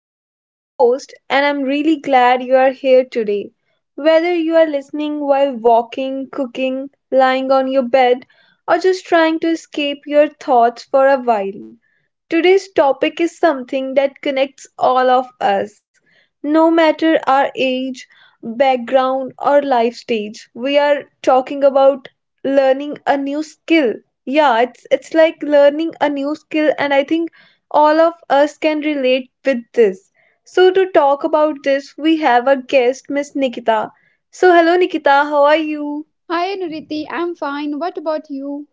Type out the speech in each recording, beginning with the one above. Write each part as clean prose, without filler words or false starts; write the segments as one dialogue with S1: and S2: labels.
S1: your today's host, and I'm really glad you are here today. Whether you are listening while walking, cooking, lying on your bed, or just trying to escape your thoughts for a while, today's topic is something that connects all of us. No matter our age, background, or life stage, we are talking about learning a new skill. Yeah, it's like learning a new skill, and I think all of us can relate with this. So to talk about this, we have a guest, Miss Nikita. So hello Nikita, how are you?
S2: Hi Niriti, I'm fine. What about you?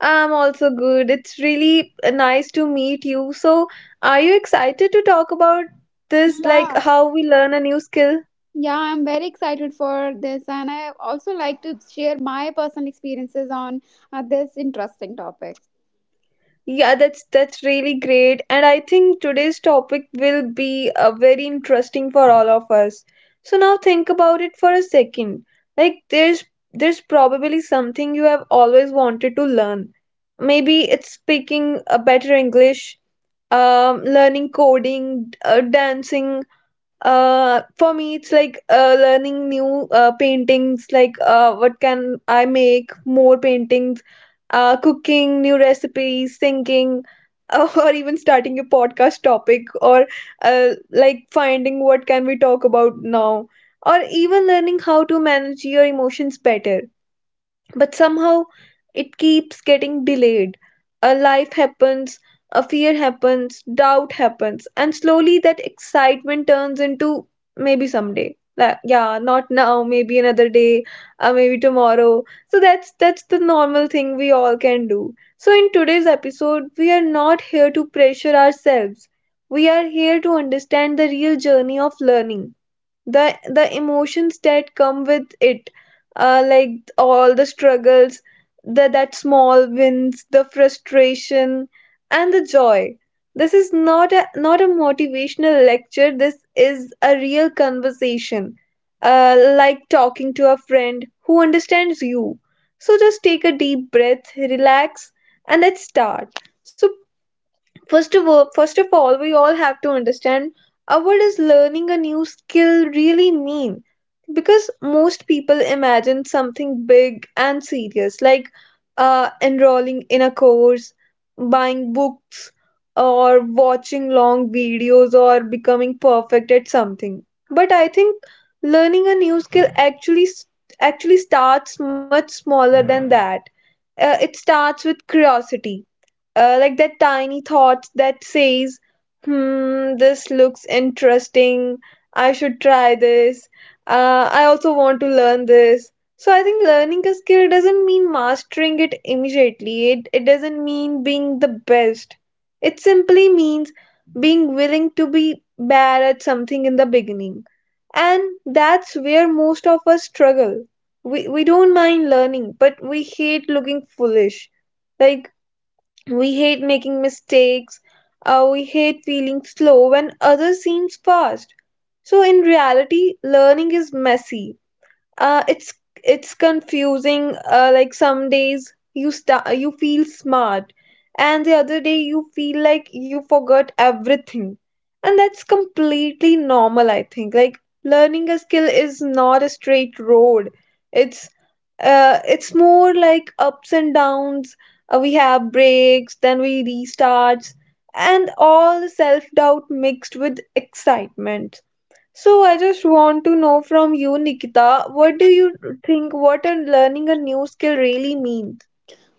S1: I'm also good. It's really nice to meet you. So are you excited to talk about this, like
S2: Yeah.
S1: how we learn a new skill?
S2: Yeah, I'm very excited for this, and I also like to share my personal experiences on this interesting topic.
S1: Yeah, that's really great. And I think today's topic will be very interesting for all of us. So now think about it for a second. Like there's probably something you have always wanted to learn. Maybe it's speaking a better English, learning coding, dancing, for me, it's like learning new paintings, like what can I make more paintings, cooking new recipes, thinking, or even starting a podcast topic, or like finding what can we talk about now, or even learning how to manage your emotions better. But somehow it keeps getting delayed. A life happens, a fear happens, doubt happens, and slowly that excitement turns into maybe someday. Like, yeah, not now, maybe another day, maybe tomorrow. So that's the normal thing we all can do. So in today's episode, we are not here to pressure ourselves. We are here to understand the real journey of learning, the emotions that come with it, like all the struggles, the that small wins, the frustration, and the joy. This is not a motivational lecture. This is a real conversation, uh, like talking to a friend who understands you. So just take a deep breath, relax, and let's start. so first of all, we all have to understand what does learning a new skill really mean? Because most people imagine something big and serious, like enrolling in a course, buying books, or watching long videos, or becoming perfect at something. But I think learning a new skill actually starts much smaller than that. It starts with curiosity, like that tiny thought that says, hmm, this looks interesting. I should try this. I also want to learn this. So I think learning a skill doesn't mean mastering it immediately. It doesn't mean being the best. It simply means being willing to be bad at something in the beginning. And that's where most of us struggle. We don't mind learning, but we hate looking foolish. Like we hate making mistakes. We hate feeling slow when others seem fast. So, in reality, learning is messy, it's confusing, like some days you start, you feel smart, and the other day you feel like you forgot everything. And that's completely normal. I think, like, learning a skill is not a straight road. It's it's more like ups and downs. We have breaks, then we restarts, and all the self doubt mixed with excitement. So I just want to know from you, Nikita, what do you think what a learning a new skill really means?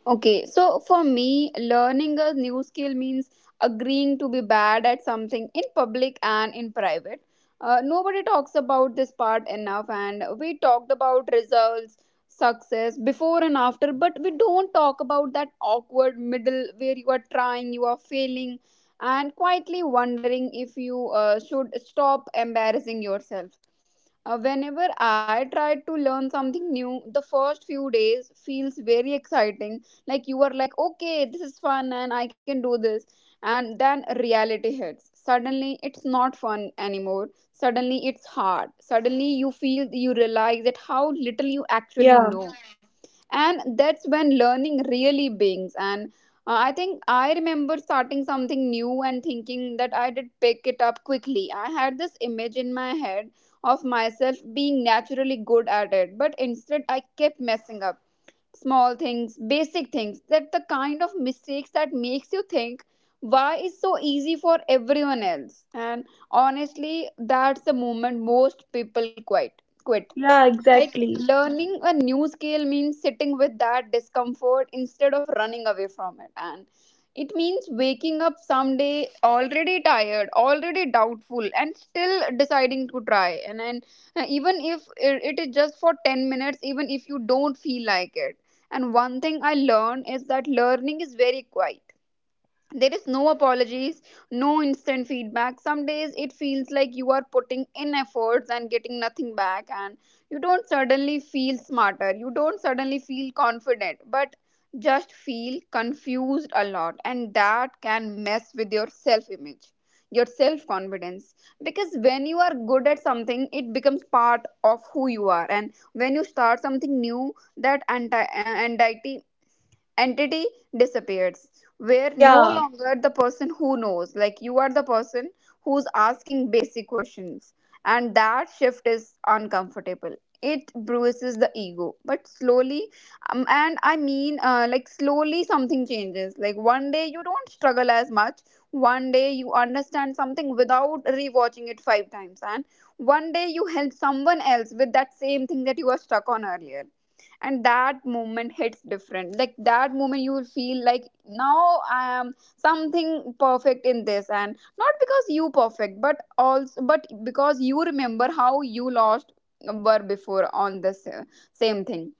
S2: Okay, so for me, learning a new skill means agreeing to be bad at something in public and in private. Nobody talks about this part enough, and we talked about results, success before and after, but we don't talk about that awkward middle where you are trying, you are failing, and quietly wondering if you should stop embarrassing yourself. Whenever I try to learn something new, the first few days feels very exciting, like you are like, okay, this is fun and I can do this. And then reality hits, suddenly it's not fun anymore, suddenly it's hard, suddenly you feel you realize that how little you actually
S1: Yeah,
S2: know. And that's when learning really begins. And I think I remember starting something new and thinking that I did pick it up quickly. I had this image in my head of myself being naturally good at it, but instead I kept messing up small things, basic things, that the kind of mistakes that makes you think, why is so easy for everyone else. And honestly, that's the moment most people quit.
S1: yeah,
S2: Like
S1: exactly.
S2: learning a new skill means sitting with that discomfort instead of running away from it. And it means waking up someday already tired, already doubtful, and still deciding to try. And then, even if it is just for 10 minutes, even if you don't feel like it. And one thing I learned is that learning is very quiet, there is no apologies, no instant feedback. Some days it feels like you are putting in efforts and getting nothing back, and you don't suddenly feel smarter, you don't suddenly feel confident, but just feel confused a lot, and that can mess with your self image, your self confidence. Because when you are good at something, it becomes part of who you are, and when you start something new, that anxiety entity disappears. Where no
S1: Yeah,
S2: longer the person who knows, like you are the person who's asking basic questions. And that shift is uncomfortable, it bruises the ego. But slowly, and I mean, like slowly something changes, like one day you don't struggle as much, one day you understand something without rewatching it five times, and one day you help someone else with that same thing that you were stuck on earlier. And that moment hits different, like that moment you will feel like, now I am something perfect in this, and not because you perfect, but also but because you remember how you lost were before on this same thing.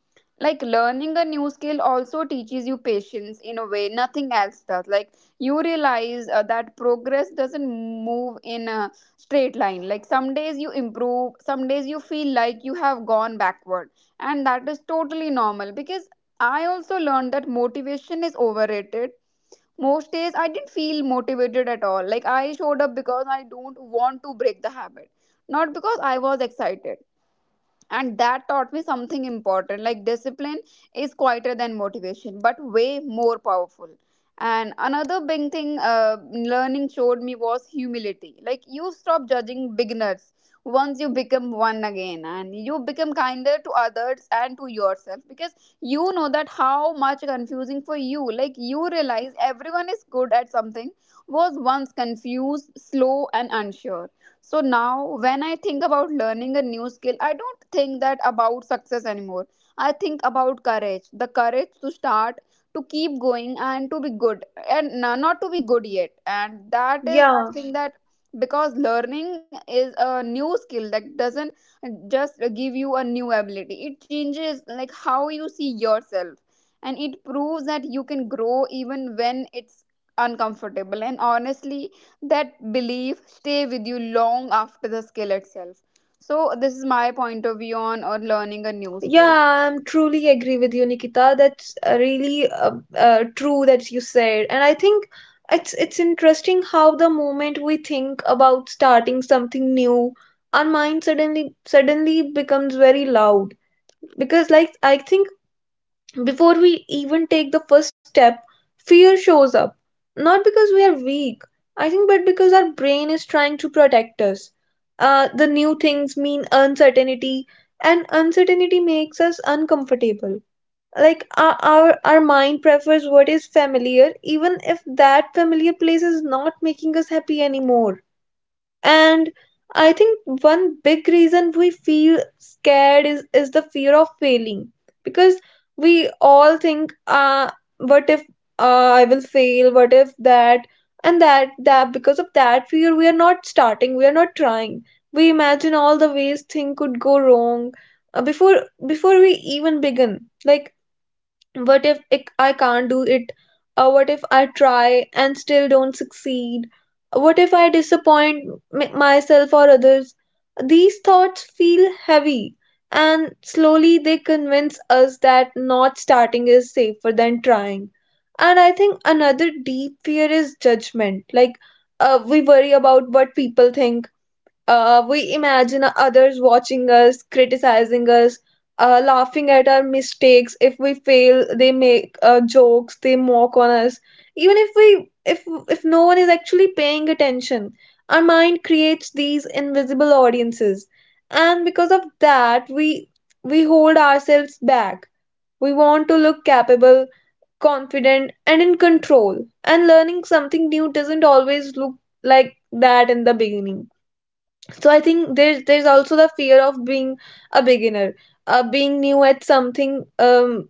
S2: Like learning a new skill also teaches you patience in a way nothing else does. Like you realize that progress doesn't move in a straight line, like some days you improve, some days you feel like you have gone backward, and that is totally normal. Because I also learned that motivation is overrated. Most days I didn't feel motivated at all. Like I showed up because I don't want to break the habit, not because I was excited. And that taught me something important, like discipline is quieter than motivation but way more powerful. And another big thing, learning showed me was humility. Like you stop judging beginners once you become one again, and you become kinder to others and to yourself, because you know that how much confusing for you, like you realize everyone is good at something was once confused, slow and unsure. So now, when I think about learning a new skill, I don't think that about success anymore. I think about courage, the courage to start, to keep going, and to be good, and not to be good yet. And that is, I
S1: yeah,
S2: think, that because learning is a new skill that doesn't just give you a new ability, it changes like how you see yourself, and it proves that you can grow even when it's uncomfortable. And honestly, that belief stay with you long after the skill itself. So this is my point of view on or learning a new skill.
S1: yeah. I'm truly agree with you, Nikita. That's really true that you said, and I think it's interesting how the moment we think about starting something new, our mind suddenly becomes very loud. Because, like, I think before we even take the first step, fear shows up. Not because we are weak, I think, but because our brain is trying to protect us. The new things mean uncertainty, and uncertainty makes us uncomfortable. Like our mind prefers what is familiar, even if that familiar place is not making us happy anymore. And I think one big reason we feel scared is the fear of failing, because we all think, what if I will fail? What if that? And that because of that fear, we are not starting, we are not trying. We imagine all the ways thing could go wrong before we even begin. Like what if I can't do it, what if I try and still don't succeed, what if I disappoint myself or others? These thoughts feel heavy, and slowly they convince us that not starting is safer than trying. And I think another deep fear is judgment. Like we worry about what people think. We imagine others watching us, criticizing us, laughing at our mistakes. If we fail, they make jokes, they mock on us. Even if if no one is actually paying attention, our mind creates these invisible audiences, and because of that, we hold ourselves back. We want to look capable, confident, and in control. And learning something new doesn't always look like that in the beginning. So I think there's also the fear of being a beginner. Being new at something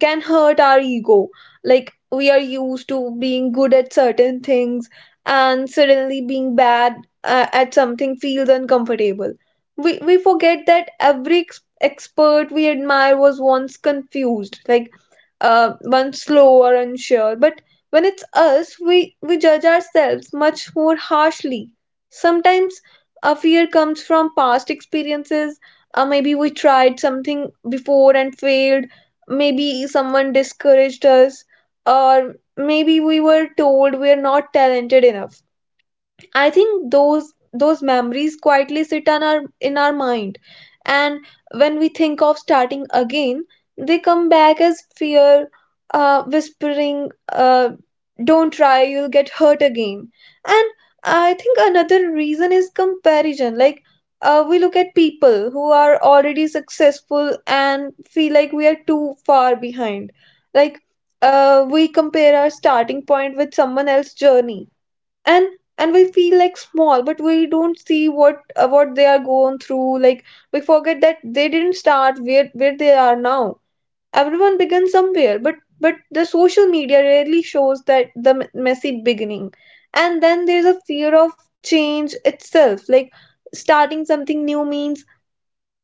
S1: can hurt our ego. Like we are used to being good at certain things, and suddenly being bad at something feels uncomfortable. We forget that every expert we admire was once confused, like once slow or unsure. But when it's us, we judge ourselves much more harshly. Sometimes a fear comes from past experiences. Maybe we tried something before and failed, maybe someone discouraged us, or maybe we were told we are not talented enough. I think those memories quietly sit on our in our mind, and when we think of starting again, they come back as fear, whispering, don't try, you'll get hurt again. And I think another reason is comparison. Like we look at people who are already successful and feel like we are too far behind. Like we compare our starting point with someone else's journey, and and we feel like small, but we don't see what they are going through. Like we forget that they didn't start where they are now. Everyone begins somewhere, but the social media rarely shows that messy beginning. And then there's a fear of change itself. Like starting something new means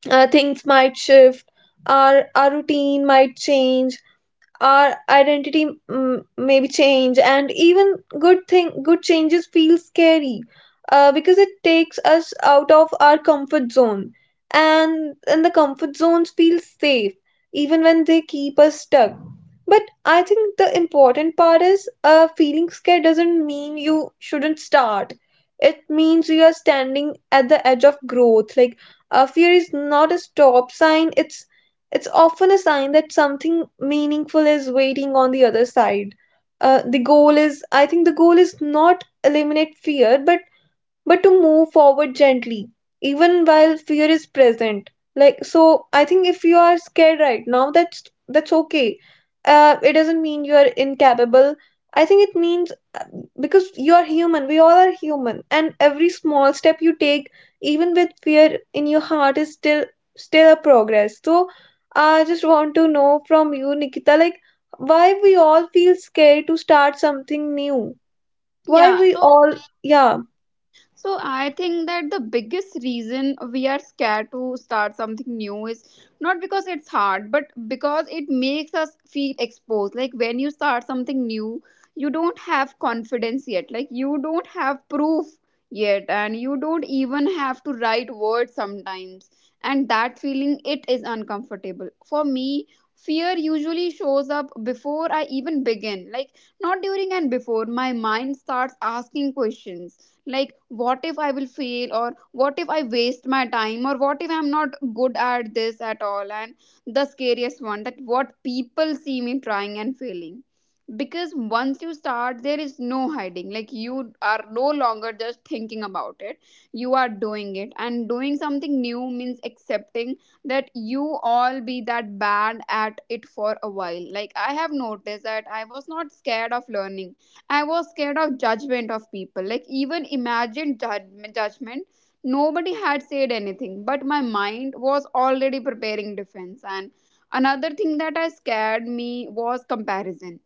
S1: things might shift, our routine might change, our identity maybe change. And even good changes feel scary, because it takes us out of our comfort zone. And the comfort zones feel safe, even when they keep us stuck. But I think the important part is, feeling scared doesn't mean you shouldn't start. It means you are standing at the edge of growth. Like fear is not a stop sign. It's often a sign that something meaningful is waiting on the other side. The goal is, I think, the goal is not eliminate fear, but to move forward gently, even while fear is present. Like, so, I think if you are scared right now, that's okay. It doesn't mean you are incapable. I think it means, uh, because you are human. We all are human, and every small step you take, even with fear in your heart, is still a progress. So, I just want to know from you, Nikita, like why we all feel scared to start something new. Why
S2: Yeah,
S1: we
S2: so
S1: all, yeah,
S2: So I think that the biggest reason we are scared to start something new is not because it's hard, but because it makes us feel exposed. Like when you start something new, you don't have confidence yet. Like you don't have proof yet, and you don't even have to write words sometimes. And that feeling it is uncomfortable. For me, fear usually shows up before I even begin. Like not during and before my mind starts asking questions, like what if I will fail, or what if I waste my time, or what if I'm not good at this at all. And the scariest one, that what people see me trying and failing. Because once you start there is no hiding, like you are no longer just thinking about it, you are doing it. And doing something new means accepting that you all be that bad at it for a while. Like I have noticed that I was not scared of learning, I was scared of judgment of people. Like even imagine judgment, judgment. Nobody had said anything, but my mind was already preparing defense. And another thing that I scared me was comparison.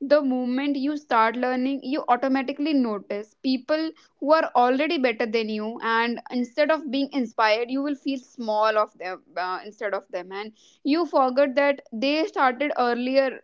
S2: The moment you start learning, you automatically notice people who are already better than you, and instead of being inspired, you will feel small of them, instead of them. And you forget that they started earlier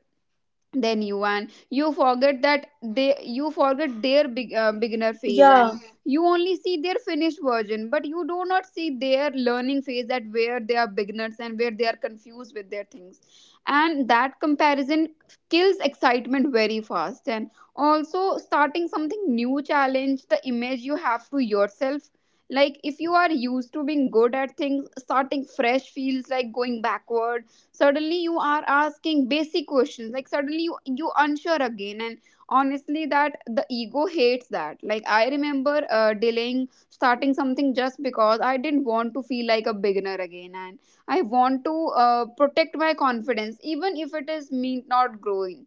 S2: than you, and you forget that they you forget their big, beginner phase. And
S1: yeah.
S2: you only see their finished version, but you do not see their learning phase, that where they are beginners and where they are confused with their things. And that comparison kills excitement very fast. And also starting something new challenge the image you have to yourself. Like if you are used to being good at things, starting fresh feels like going backward. Suddenly you are asking basic questions, like suddenly you unsure again. And honestly, that the ego hates that. Like I remember delaying starting something just because I didn't want to feel like a beginner again. And I want to protect my confidence, even if it is me not growing.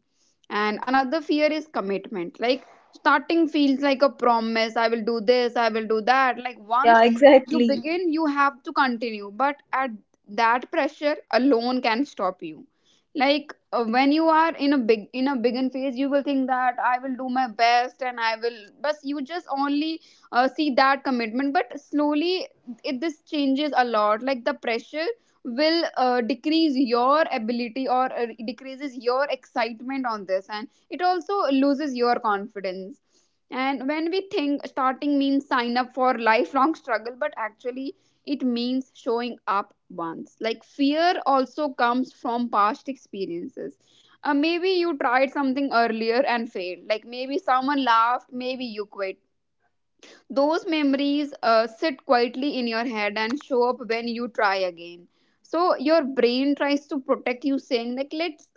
S2: And another fear is commitment. Like starting feels like a promise, I will do this, I will do that. Like
S1: Yeah, yeah,
S2: once you
S1: exactly.
S2: begin you have to continue, but at that pressure alone can stop you. Like when you are in a big in a begin phase, you will think that I will do my best and I will, but you just only see that commitment. But slowly it this changes a lot, like the pressure will decrease your ability, or decreases your excitement on this, and it also loses your confidence. And when we think starting means sign up for lifelong struggle, but actually it means showing up once. Like fear also comes from past experiences. Maybe you tried something earlier and failed. Like maybe someone laughed, maybe you quit. Those memories sit quietly in your head and show up when you try again. So your brain tries to protect you, saying like, let's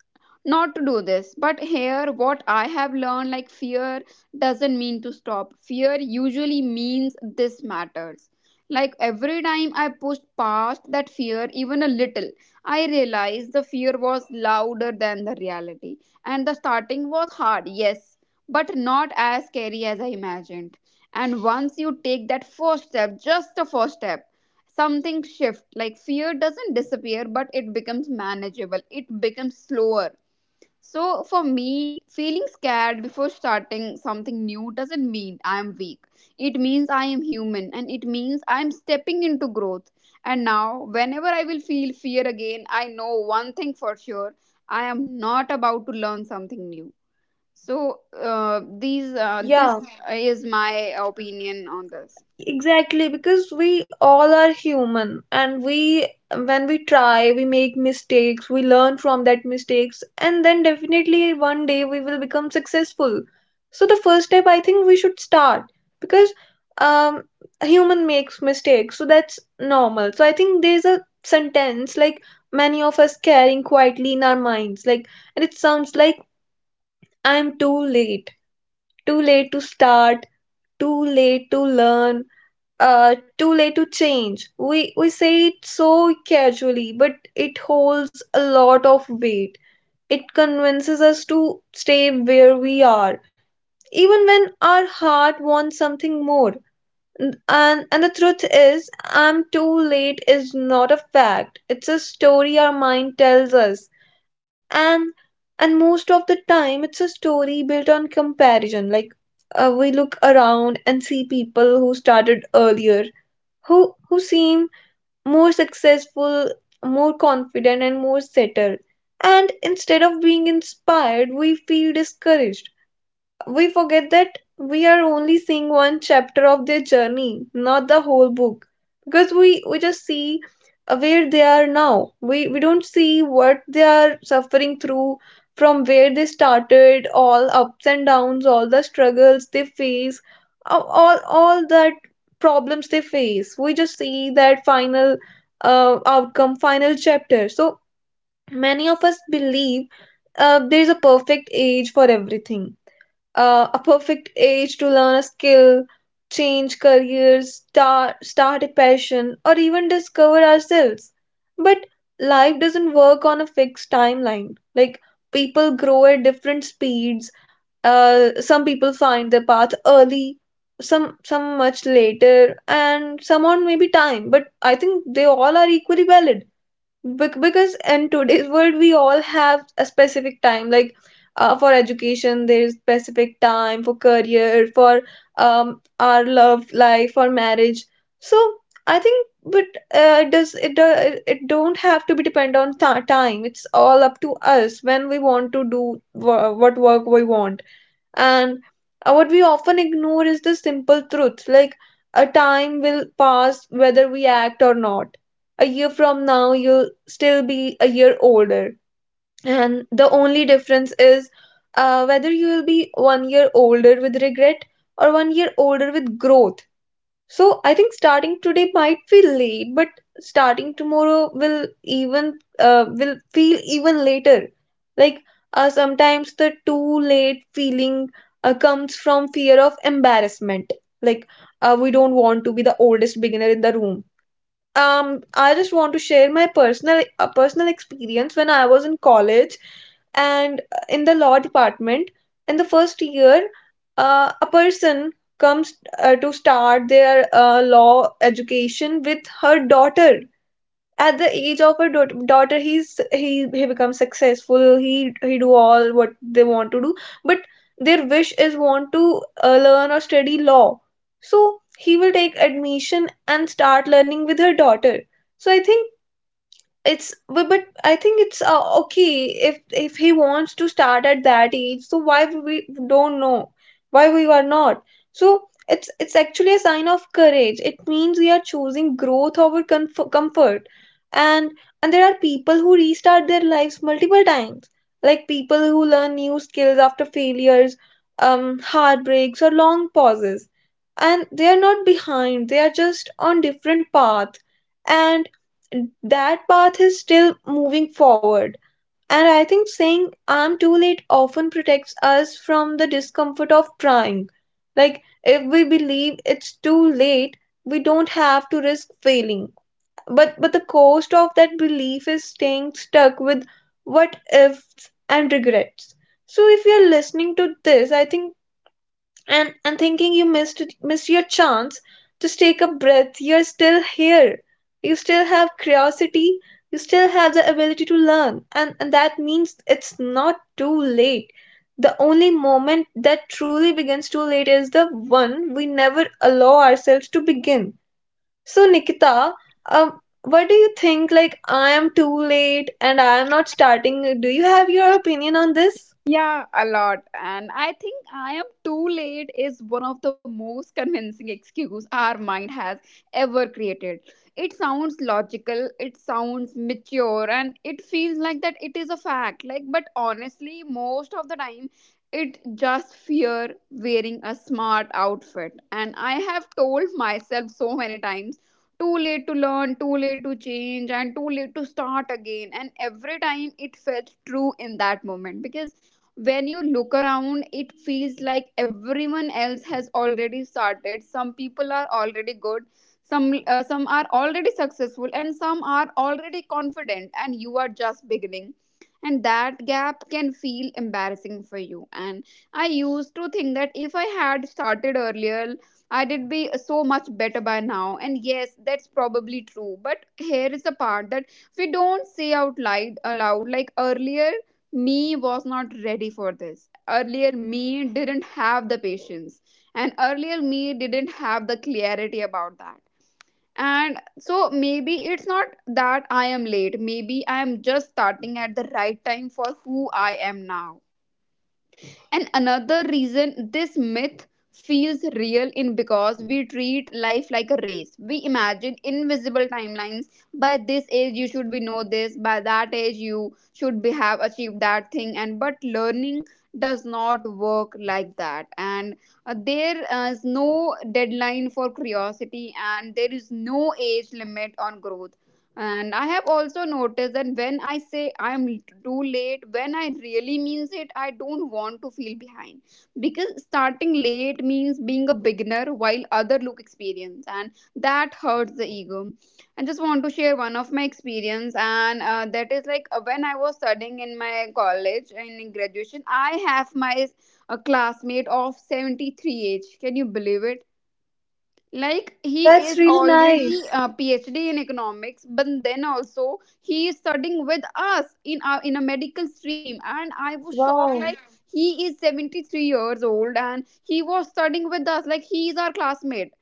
S2: not to do this. But here what I have learned, like fear doesn't mean to stop. Fear usually means this matters. Like every time I pushed past that fear even a little, I realized the fear was louder than the reality. And the starting was hard, yes, but not as scary as I imagined. And once you take that first step, just the first step, something shift, like fear doesn't disappear but it becomes manageable, it becomes slower. So for me, feeling scared before starting something new doesn't mean I am weak, it means I am human, and it means I am stepping into growth. And now whenever I will feel fear again, I know one thing for sure, I am not about to learn something new. So these this
S1: Yeah,
S2: is my opinion on this.
S1: exactly. Because we all are human, and when we try, we make mistakes, we learn from that mistakes, and then definitely one day we will become successful. So the first step I think we should start, because um a human makes mistakes, so that's normal. So I think there's a sentence like many of us carrying quietly in our minds, like, and it sounds like I'm too late to start, too late to learn, too late to change. We say it so casually, but it holds a lot of weight. It convinces us to stay where we are, even when our heart wants something more. And the truth is, I'm too late is not a fact. It's a story our mind tells us. And most of the time it's a story built on comparison. Like we look around and see people who started earlier, who seem more successful, more confident, and more settled, and instead of being inspired we feel discouraged. We forget that we are only seeing one chapter of their journey, not the whole book. Because we just see where they are now. We don't see what they are suffering through, from where they started, all ups and downs, all the struggles they face, all that problems they face. We just see that final outcome, final chapter. So many of us believe there is a perfect age for everything, a perfect age to learn a skill, change careers, start a passion, or even discover ourselves. But life doesn't work on a fixed timeline. Like, people grow at different speeds. Some people find their path early, some much later, and some on maybe time. But I think they all are equally valid. Because in today's world we all have a specific time, like for education there is specific time, for career, for our love life, for marriage. So I think, but it does it, it it don't have to be depend on ti time. It's all up to us when we want to do what work we want. And what we often ignore is the simple truth, like a time will pass whether we act or not. A year from now, you'll still be a year older. And the only difference is whether you will be one year older with regret, or one year older with growth. So I think starting today might feel late, but starting tomorrow will even will feel even later. Like, sometimes the too late feeling comes from fear of embarrassment. Like, we don't want to be the oldest beginner in the room. I just want to share my personal experience when I was in college and in the law department. In the first year, a person comes to start their law education with her daughter. At the age of a daughter, he he becomes successful. He do all what they want to do, but their wish is want to learn or study law. So he will take admission and start learning with her daughter. So I think it's, but I think it's okay, if he wants to start at that age, so why we don't know, why we are not. So it's actually a sign of courage. It means we are choosing growth over comfort. and and there are people who restart their lives multiple times, like people who learn new skills after failures, heartbreaks, or long pauses. And they are not behind, they are just on different path. And that path is still moving forward. And I think saying I'm too late often protects us from the discomfort of trying. Like, if we believe it's too late, we don't have to risk failing. But the cost of that belief is staying stuck with what ifs and regrets. So if you're listening to this, I think, and thinking you missed your chance, just take a breath. You're still here. You still have curiosity. You still have the ability to learn, and that means it's not too late. The only moment that truly begins too late is the one we never allow ourselves to begin. So Nikita, what do you think, like I am too late and I am not starting? Do you have your opinion on this?
S2: Yeah, a lot. And I think I am too late is one of the most convincing excuse our mind has ever created. It sounds logical, it sounds mature, and it feels like that it is a fact. Like, but honestly, most of the time, it just fear wearing a smart outfit. And I have told myself so many times, too late to learn, too late to change, and too late to start again. And every time it felt true in that moment because when you look around, it feels like everyone else has already started. Some people are already good, some are already successful, and some are already confident, and you are just beginning, and that gap can feel embarrassing for you. And I used to think that if I had started earlier, I did be so much better by now. And yes, that's probably true, but here is the part that we don't say out loud aloud. Like, earlier me was not ready for this, earlier me didn't have the patience, and earlier me didn't have the clarity about that. And so maybe it's not that I am late, maybe I am just starting at the right time for who I am now. And another reason this myth feels real in because we treat life like a race. We imagine invisible timelines. By this age you should be know this, by that age you should be have achieved that thing. And but learning does not work like that. And there is no deadline for curiosity, and there is no age limit on growth. And I have also noticed that when I say I'm too late, when I really means it, I don't want to feel behind. Because starting late means being a beginner while other look experienced, and that hurts the ego. I just want to share one of my experience, and that is like, when I was studying in my college in graduation, I have my a classmate of 73 age. Can you believe it? Like, he
S1: That's
S2: is
S1: really
S2: already
S1: nice.
S2: a PhD in economics, but then also he is studying with us in a medical stream, and I was shocked. Like,
S1: Wow.
S2: he is 73 years old and he was studying with us like he is our classmate.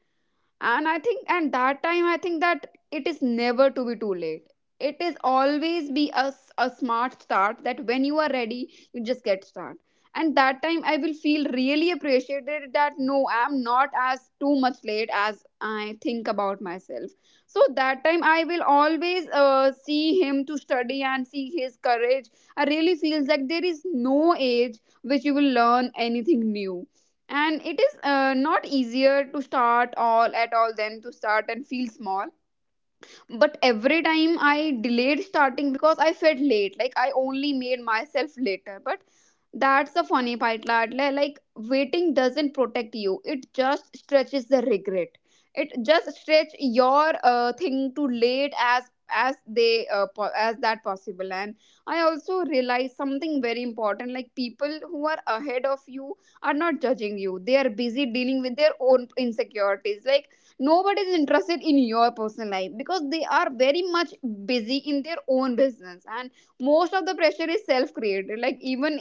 S2: And I think at that time, I think that it is never to be too late. It is always be a smart start, that when you are ready you just get start. And that time I will feel really appreciated, that no, I am not as too much late as I think about myself. So that time I will always see him to study and see his courage. I really feels like there is no age which you will learn anything new. And it is not easier to start all at all than to start and feel small. But every time I delayed starting because I felt late, like I only made myself later. But that's the funny part, Ladle. Like, waiting doesn't protect you, it just stretches the regret. It just stretch your thing to late as as that possible. And I also realized something very important. Like, people who are ahead of you are not judging you, they are busy dealing with their own insecurities. Like, nobody is interested in your personal life because they are very much busy in their own business. And most of the pressure is self created. Like, even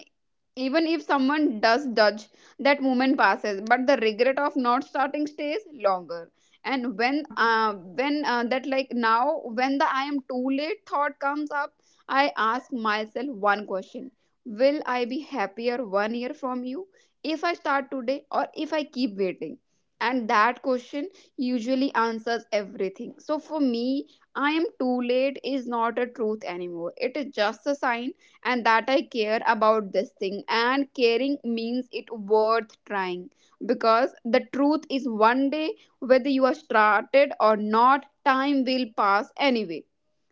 S2: even if someone does judge, that moment passes, but the regret of not starting stays longer. And
S1: Yeah.
S2: when that, like, now when the I am too late thought comes up, I ask myself one question. Will I be happier 1 year from you if I start today or if I keep waiting? And that question usually answers everything. So for me, I am too late is not a truth anymore. It is just a sign and that I care about this thing, and caring means it worth trying. Because the truth is one day, whether you are started or not, time will pass anyway.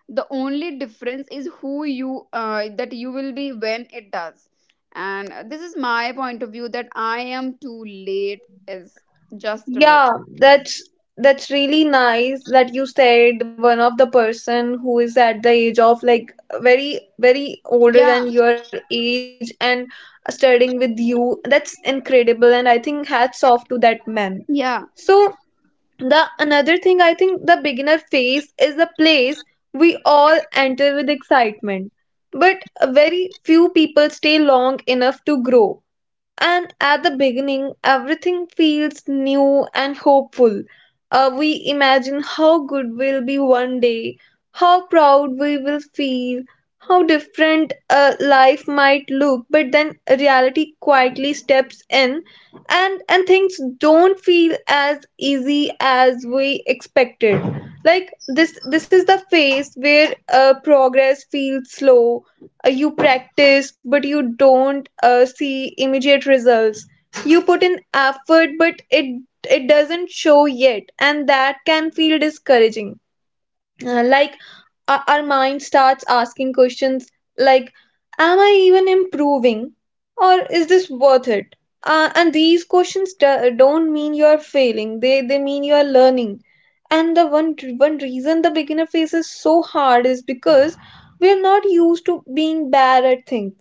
S2: The only difference is who you that you will be when it does. And this is my point of view, that I am too late is just a myth.
S1: Yeah, that's that's really nice that you said one of the person who is at the age of like very very older
S2: Yeah.
S1: than your age and studying with you. That's incredible, and I think hats off to that man.
S2: Yeah.
S1: So the another thing, I think the beginner phase is the place we all enter with excitement, but very few people stay long enough to grow. And at the beginning, everything feels new and hopeful. We imagine how good we'll be one day, how proud we will feel, how different life might look. But then reality quietly steps in, and things don't feel as easy as we expected. Like, this is the phase where progress feels slow. You practice but you don't see immediate results. You put in effort but it doesn't show yet, and that can feel discouraging. uh, like our mind starts asking questions like, am I even improving, or is this worth it? And these questions don't mean you're failing, they mean you're learning. And the one reason the beginner phase is so hard is because we're not used to being bad at things.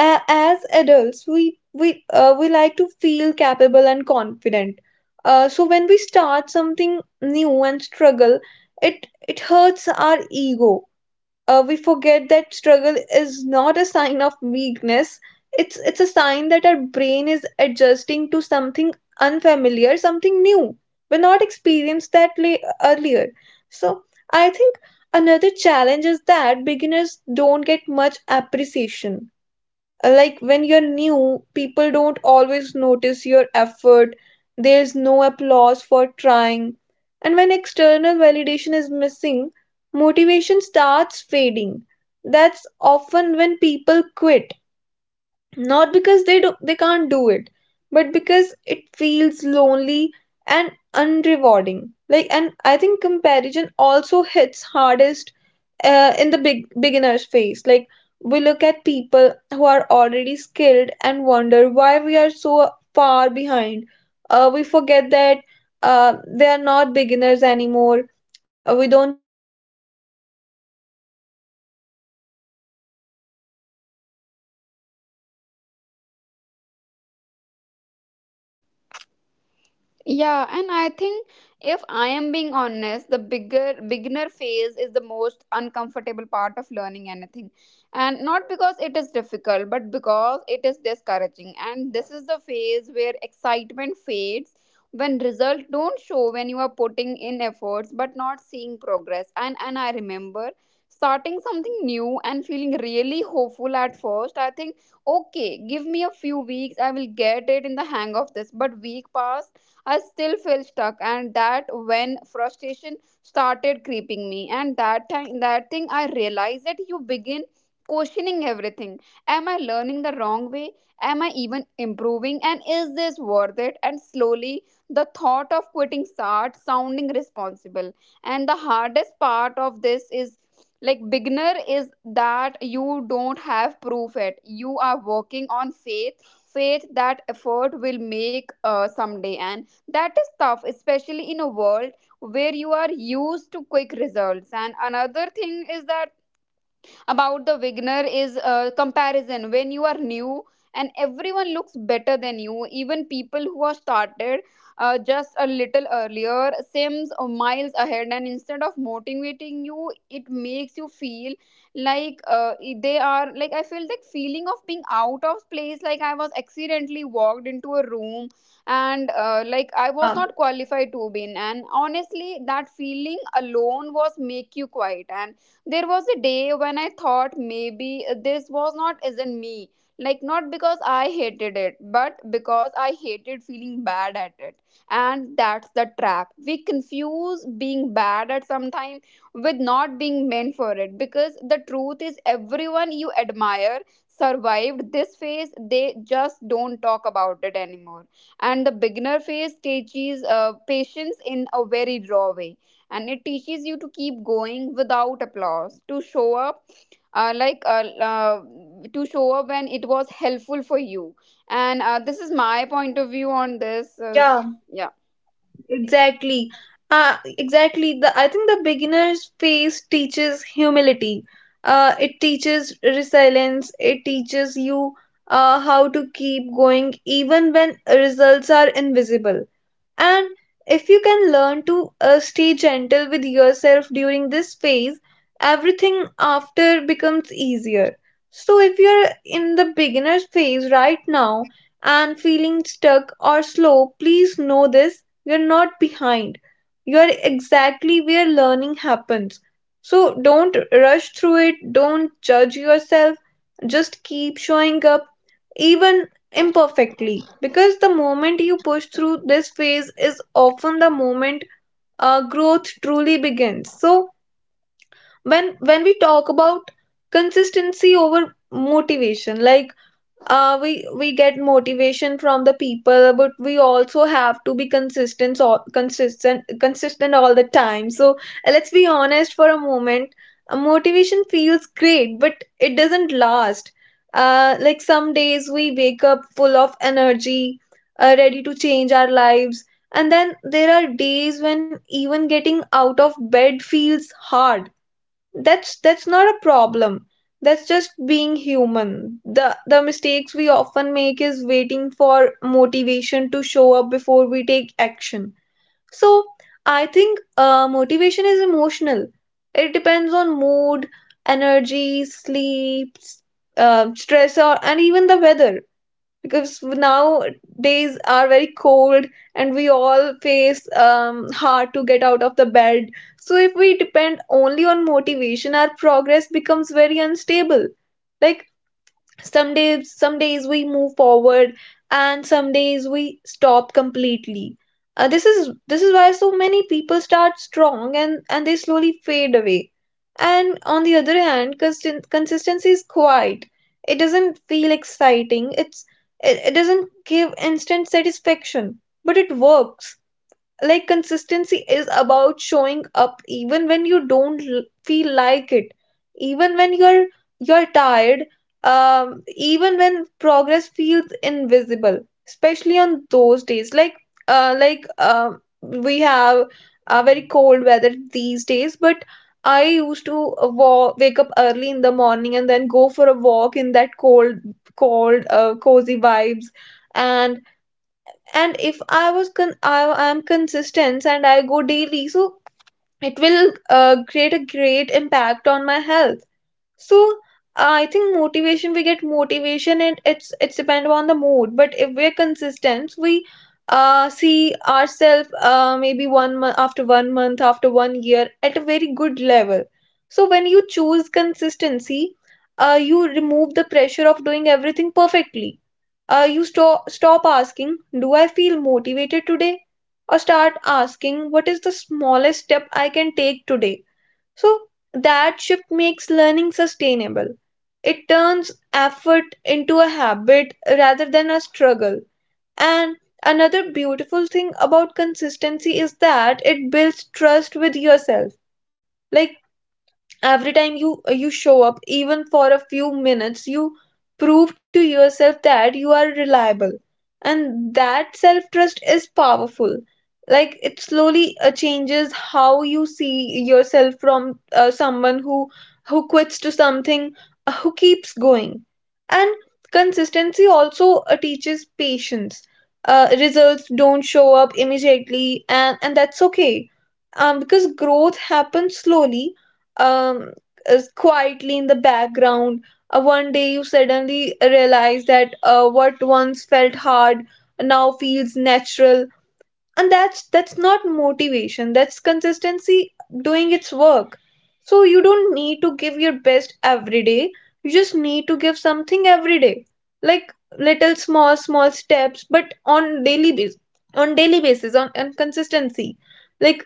S1: As adults we we like to feel capable and confident. So when we start something new and struggle, it it hurts our ego. We forget that struggle is not a sign of weakness, it's a sign that our brain is adjusting to something unfamiliar, something new. We're not experienced that earlier. So I think another challenge is that beginners don't get much appreciation. Like, when you're new, people don't always notice your effort. There's no applause for trying. And when external validation is missing, motivation starts fading. That's often when people quit, not because they do, they can't do it, but because it feels lonely and unrewarding. Like, and I think comparison also hits hardest in the big beginner's phase. Like, we look at people who are already skilled and wonder why we are so far behind. We forget that they are not beginners anymore. We don't see their early struggles, their mistakes, or the days they wanted to give up. We only see the polished version. um
S2: Yeah, and I think if I am being honest, the bigger beginner phase is the most uncomfortable part of learning anything. And not because it is difficult, but because it is discouraging. And this is the phase where excitement fades, when results don't show, when you are putting in efforts but not seeing progress. And I remember starting something new and feeling really hopeful at first. I think, okay, give me a few weeks, I will get it in the hang of this. But week passed, I still feel stuck, and that when frustration started creeping me. And that time that thing I realized that you begin questioning everything. Am I learning the wrong way? Am I even improving? And is this worth it? And slowly the thought of quitting starts sounding responsible. And the hardest part of this is, like, beginner is that you don't have proof yet. You are working on faith, faith that effort will make someday, and that is tough, especially in a world where you are used to quick results. And another thing is that about the beginner is comparison. When you are new and everyone looks better than you, even people who are started just a little earlier seems miles ahead, and instead of motivating you, it makes you feel like, they are like, I feel like feeling of being out of place, like I was accidentally walked into a room and, like, I was
S1: yeah.
S2: not qualified to win. And honestly, that feeling alone was make you quiet. And there was a day when I thought maybe this was not isn't me. Like, not because I hated it, but because I hated feeling bad at it. And that's the trap. We confuse being bad at sometime with not being meant for it. Because the truth is everyone you admire survived this phase. They just don't talk about it anymore. And the beginner phase teaches patience in a very raw way, and it teaches you to keep going without applause, to show up, uh, like uh, uh, to show up when it was helpful for you. And this is my point of view on this.
S1: Yeah.
S2: Yeah.
S1: Exactly. Exactly. The I think the beginner's phase teaches humility. It teaches resilience. It teaches you how to keep going even when results are invisible. And if you can learn to stay gentle with yourself during this phase, everything after becomes easier. So, if you're in the beginner phase right now and feeling stuck or slow, please know this, you're not behind. You're exactly where learning happens. So, don't rush through it, don't judge yourself, just keep showing up, even imperfectly, because the moment you push through this phase is often the moment growth truly begins. So when we talk about consistency over motivation, like we get motivation from the people but we also have to be consistent all the time. So let's be honest for a moment. Motivation feels great but it doesn't last. Like, some days we wake up full of energy, ready to change our lives, and then there are days when even getting out of bed feels hard. That's not a problem, that's just being human. The mistakes we often make is waiting for motivation to show up before we take action. So I think motivation is emotional. It depends on mood, energy, sleep, stress, or and even the weather, because nowadays are very cold and we all face, hard to get out of the bed. So if we depend only on motivation, our progress becomes very unstable. Like, some days we move forward, and some days we stop completely. This is why so many people start strong and they slowly fade away. And on the other hand, consistency is quiet. It doesn't feel exciting. It's, it doesn't give instant satisfaction, but it works. Like, consistency is about showing up even when you don't feel like it, even when you're tired, even when progress feels invisible, especially on those days. Like, we have a very cold weather these days, but I used to wake up early in the morning and then go for a walk in that cold, cozy vibes. and and if I was I'm consistent and I go daily, so it will create a great impact on my health. So I think motivation, we get motivation and it's depend on the mood, but if we're consistent we see ourselves maybe one month after one month after one year at a very good level. So when you choose consistency, you remove the pressure of doing everything perfectly. You stop asking, "Do I feel motivated today?" or start asking, "What is the smallest step I can take today?" So that shift makes learning sustainable. It turns effort into a habit rather than a struggle. And another beautiful thing about consistency is that it builds trust with yourself. Like every time you you show up even for a few minutes, you prove to yourself that you are reliable, and that self trust is powerful. Like it slowly changes how you see yourself from someone who quits to something who keeps going. And consistency also teaches patience. Uh, results don't show up immediately, and that's okay, because growth happens slowly, um, is quietly in the background. One day you suddenly realize that what once felt hard now feels natural, and that's not motivation. That's consistency doing its work. So you don't need to give your best every day. You just need to give something every day, like little small steps, but on daily basis, on daily basis, on consistency. Like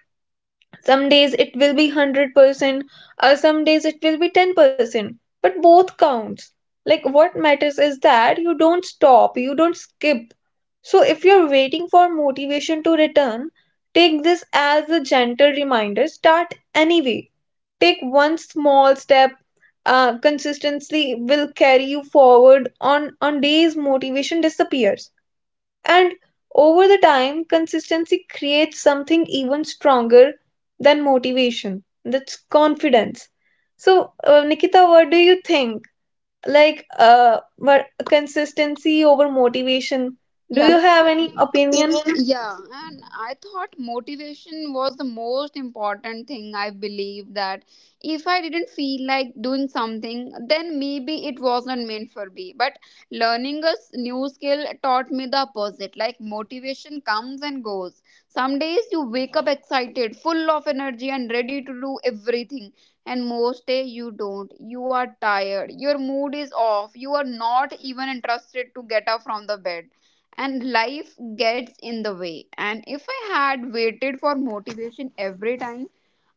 S1: some days it will be 100%, or some days it will be 10%, but both counts. Like what matters is that you don't stop, you don't skip. So if you're waiting for motivation to return, take this as a gentle reminder. Start anyway. Take one small step. Consistency will carry you forward on days motivation disappears. And over the time, consistency creates something even stronger than motivation. That's confidence. So, Nikita, what do you think? Like, what consistency over motivation? Do
S2: Yeah,
S1: you have any opinion?
S2: yeah, and I thought motivation was the most important thing. I believe that if I didn't feel like doing something, then maybe it wasn't meant for me. But learning a s- new skill taught me the opposite. Like, motivation comes and goes. Some days you wake up excited, full of energy, and ready to do everything. And most day you don't. You are tired. Your mood is off. You are not even interested to get up from the bed, and life gets in the way. And if I had waited for motivation every time,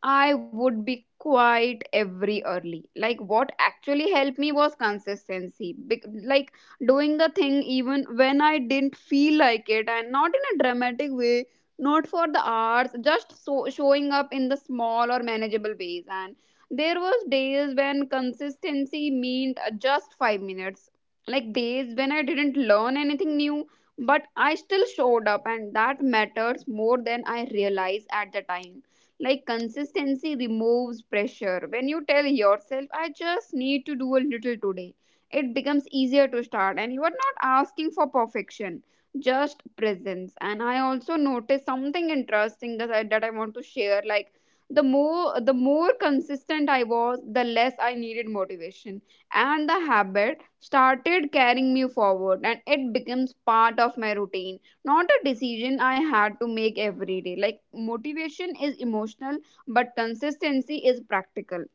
S2: I would be quite every early. Like, what actually helped me was consistency. Bec- like, doing the thing even when I didn't feel like it, and not in a dramatic way, not for the hours, just so showing up in the small or manageable ways. And there was days when consistency meant just 5 minutes, like days when I didn't learn anything new, but I still showed up, and that matters more than I realized at the time. Like, consistency removes pressure. When you tell yourself, I just need to do a little today, it becomes easier to start, and you are not asking for perfection, just presence. And I also noticed something interesting that I want to share. Like, the more consistent I was, the less I needed motivation, and the habit started carrying me forward, and it becomes part of my routine, not a decision I had to make every day. Like, motivation is emotional, but consistency is practical.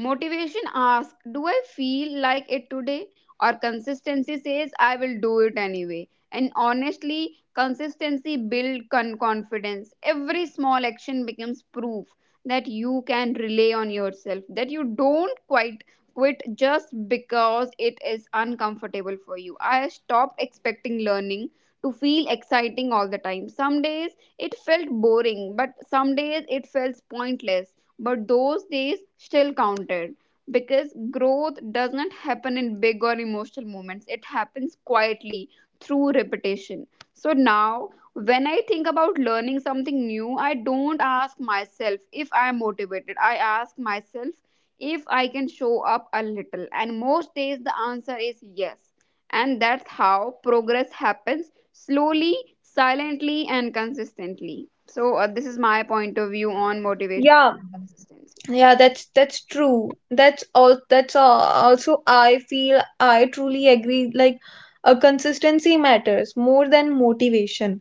S2: Motivation asks, do I feel like it today? Or consistency says, I will do it anyway. And honestly, consistency builds con- confidence. Every small action becomes proof that you can rely on yourself, that you don't quite quit just because it is uncomfortable for you. I stopped expecting learning to feel exciting all the time. Some days it felt boring, but some days it felt pointless, but those days still counted, because growth does not happen in big or emotional moments, it happens quietly through repetition. So now when I think about learning something new, I don't ask myself if I am motivated, I ask myself if I can show up a little. And most days the answer is yes, and that's how progress happens, slowly, silently, and consistently. So this is my point of view on motivation
S1: Yeah,
S2: consistency.
S1: yeah, that's true. That's all. That's all. Also, I feel I truly agree. Like, a consistency matters more than motivation.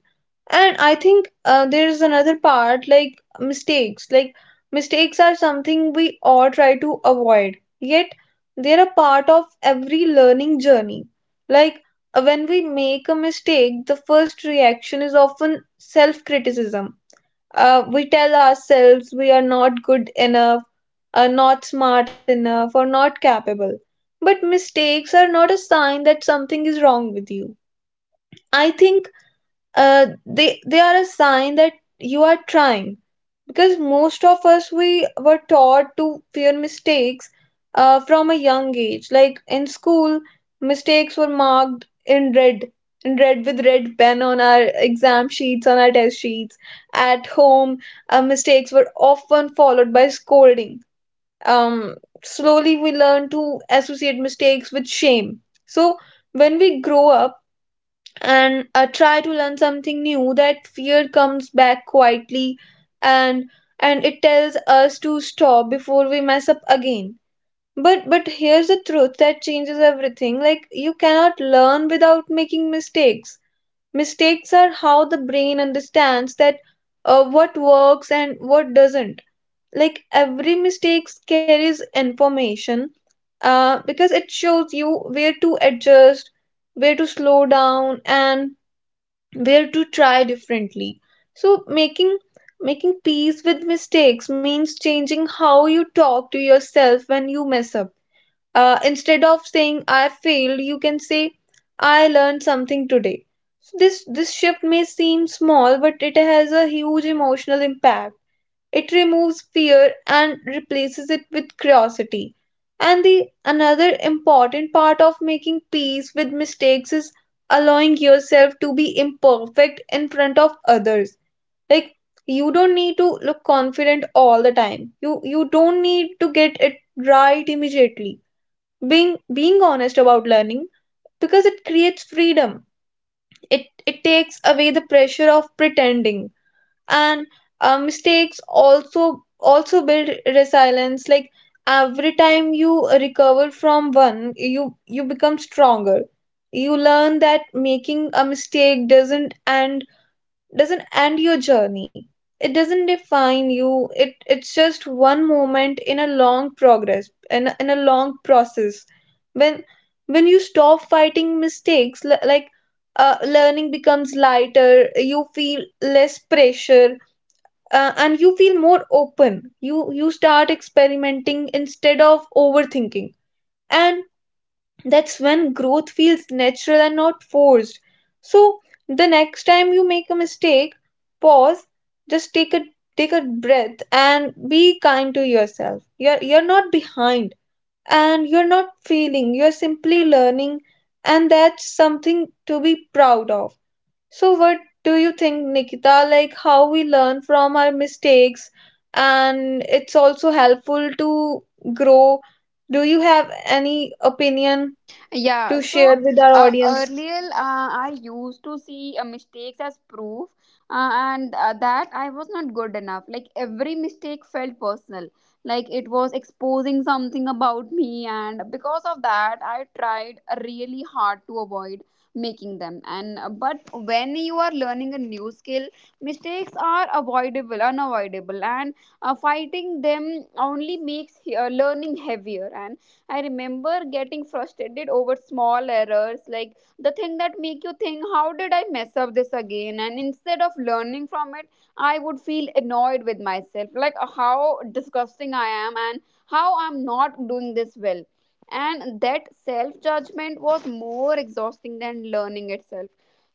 S1: And I think there is another part like mistakes. Like mistakes are something we all try to avoid. Yet they're a part of every learning journey. Like when we make a mistake, the first reaction is often self-criticism. Uh, we tell ourselves we are not good enough, are not smart enough, or not capable. But mistakes are not a sign that something is wrong with you. I think they are a sign that you are trying, because most of us we were taught to fear mistakes from a young age. Like in school, mistakes were marked in red, with red pen on our exam sheets, on our test sheets. At home, mistakes were often followed by scolding. um, Slowly we learn to associate mistakes with shame. So when we grow up and try to learn something new, that fear comes back quietly, and it tells us to stop before we mess up again. But here's the truth that changes everything. Like, you cannot learn without making mistakes. Mistakes are how the brain understands that what works and what doesn't. Like every mistake carries information, because it shows you where to adjust, where to slow down, and where to try differently. So making making peace with mistakes means changing how you talk to yourself when you mess up. Instead of saying I failed, you can say, I learned something today. So this shift may seem small, but it has a huge emotional impact. It removes fear and replaces it with curiosity. And the another important part of making peace with mistakes is allowing yourself to be imperfect in front of others. Like, you don't need to look confident all the time. You don't need to get it right immediately. Being honest about learning, because it creates freedom. It takes away the pressure of pretending. And mistakes also build resilience. Like every time you recover from one, you become stronger. You learn that making a mistake doesn't end, your journey. It doesn't define you. It's just one moment in a long progress, in a long process. When you stop fighting mistakes, learning becomes lighter. You feel less pressure, and you feel more open. You start experimenting instead of overthinking, and that's when growth feels natural and not forced. So the next time you make a mistake, pause. Just take a breath and be kind to yourself. You're not behind and you're not failing. You're simply learning, and that's something to be proud of. So what do you think, Nikita? Like, how we learn from our mistakes, and it's also helpful to grow. Do you have any opinion
S2: Yeah,
S1: to
S2: so
S1: share with our audience?
S2: earlier I used to see mistakes as proof, and that I was not good enough. Like, every mistake felt personal, like it was exposing something about me, and because of that, I tried really hard to avoid making them. And but when you are learning a new skill, mistakes are avoidable, unavoidable, and fighting them only makes learning heavier. And I remember getting frustrated over small errors, like the thing that make you think, how did I mess up this again? And instead of learning from it, I would feel annoyed with myself, like, how disgusting I am and how I'm not doing this well. And that self judgment was more exhausting than learning itself.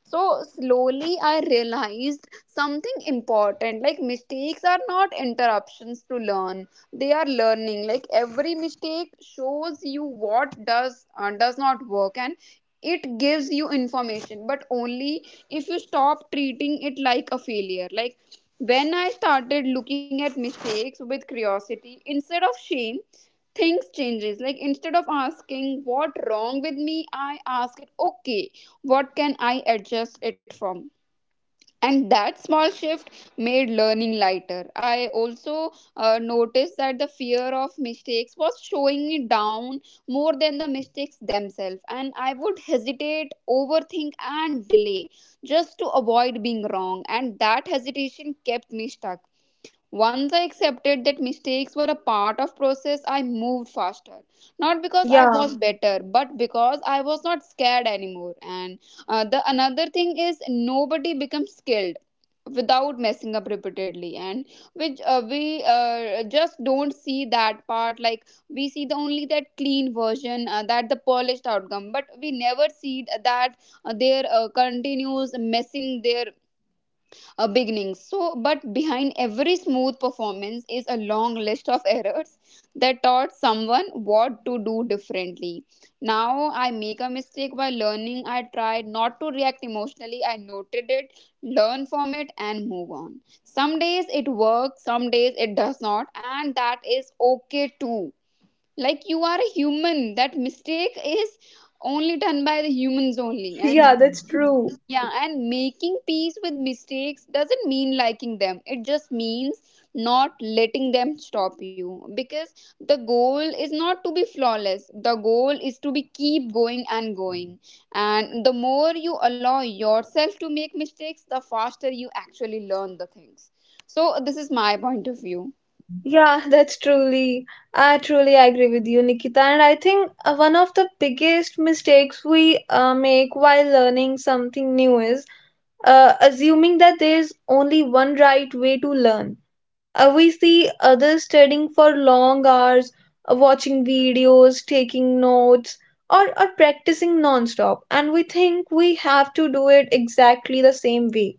S2: So slowly I realized something important, like mistakes are not interruptions to learn, they are learning. Like every mistake shows you what does not work and it gives you information, but only if you stop treating it like a failure. Like when I started looking at mistakes with curiosity instead of shame, things changes. Like instead of asking what wrong with me, I ask it, okay, what can I adjust it from? And that small shift made learning lighter. I also noticed that the fear of mistakes was showing me down more than the mistakes themselves, and I would hesitate, overthink and delay just to avoid being wrong, and that hesitation kept me stuck. Once I accepted that mistakes were a part of process, I moved faster. Not because I
S1: Yeah,
S2: was better, but because I was not scared anymore. And the another thing is, nobody becomes skilled without messing up repeatedly, and which we just don't see that part. Like we see the only that clean version, that the polished outcome, but we never see that their continues messing their a beginning. So, but behind every smooth performance is a long list of errors that taught someone what to do differently. Now, I make a mistake while learning. I tried not to react emotionally. I noted it, learn from it, and move on. Some days it works, some days it does not, and that is okay too. Like you are a human, that mistake is only done by the humans only,
S1: yeah,
S2: and
S1: that's true.
S2: yeah, and making peace with mistakes doesn't mean liking them. It just means not letting them stop you, because the goal is not to be flawless. The goal is to be keep going and going. And the more you allow yourself to make mistakes, the faster you actually learn the things. So this is my point of view.
S1: Yeah, that's truly, I truly agree with you, Nikita. And I think one of the biggest mistakes we make while learning something new is assuming that there's only one right way to learn. We see others studying for long hours, watching videos, taking notes, or practicing non-stop, and we think we have to do it exactly the same way.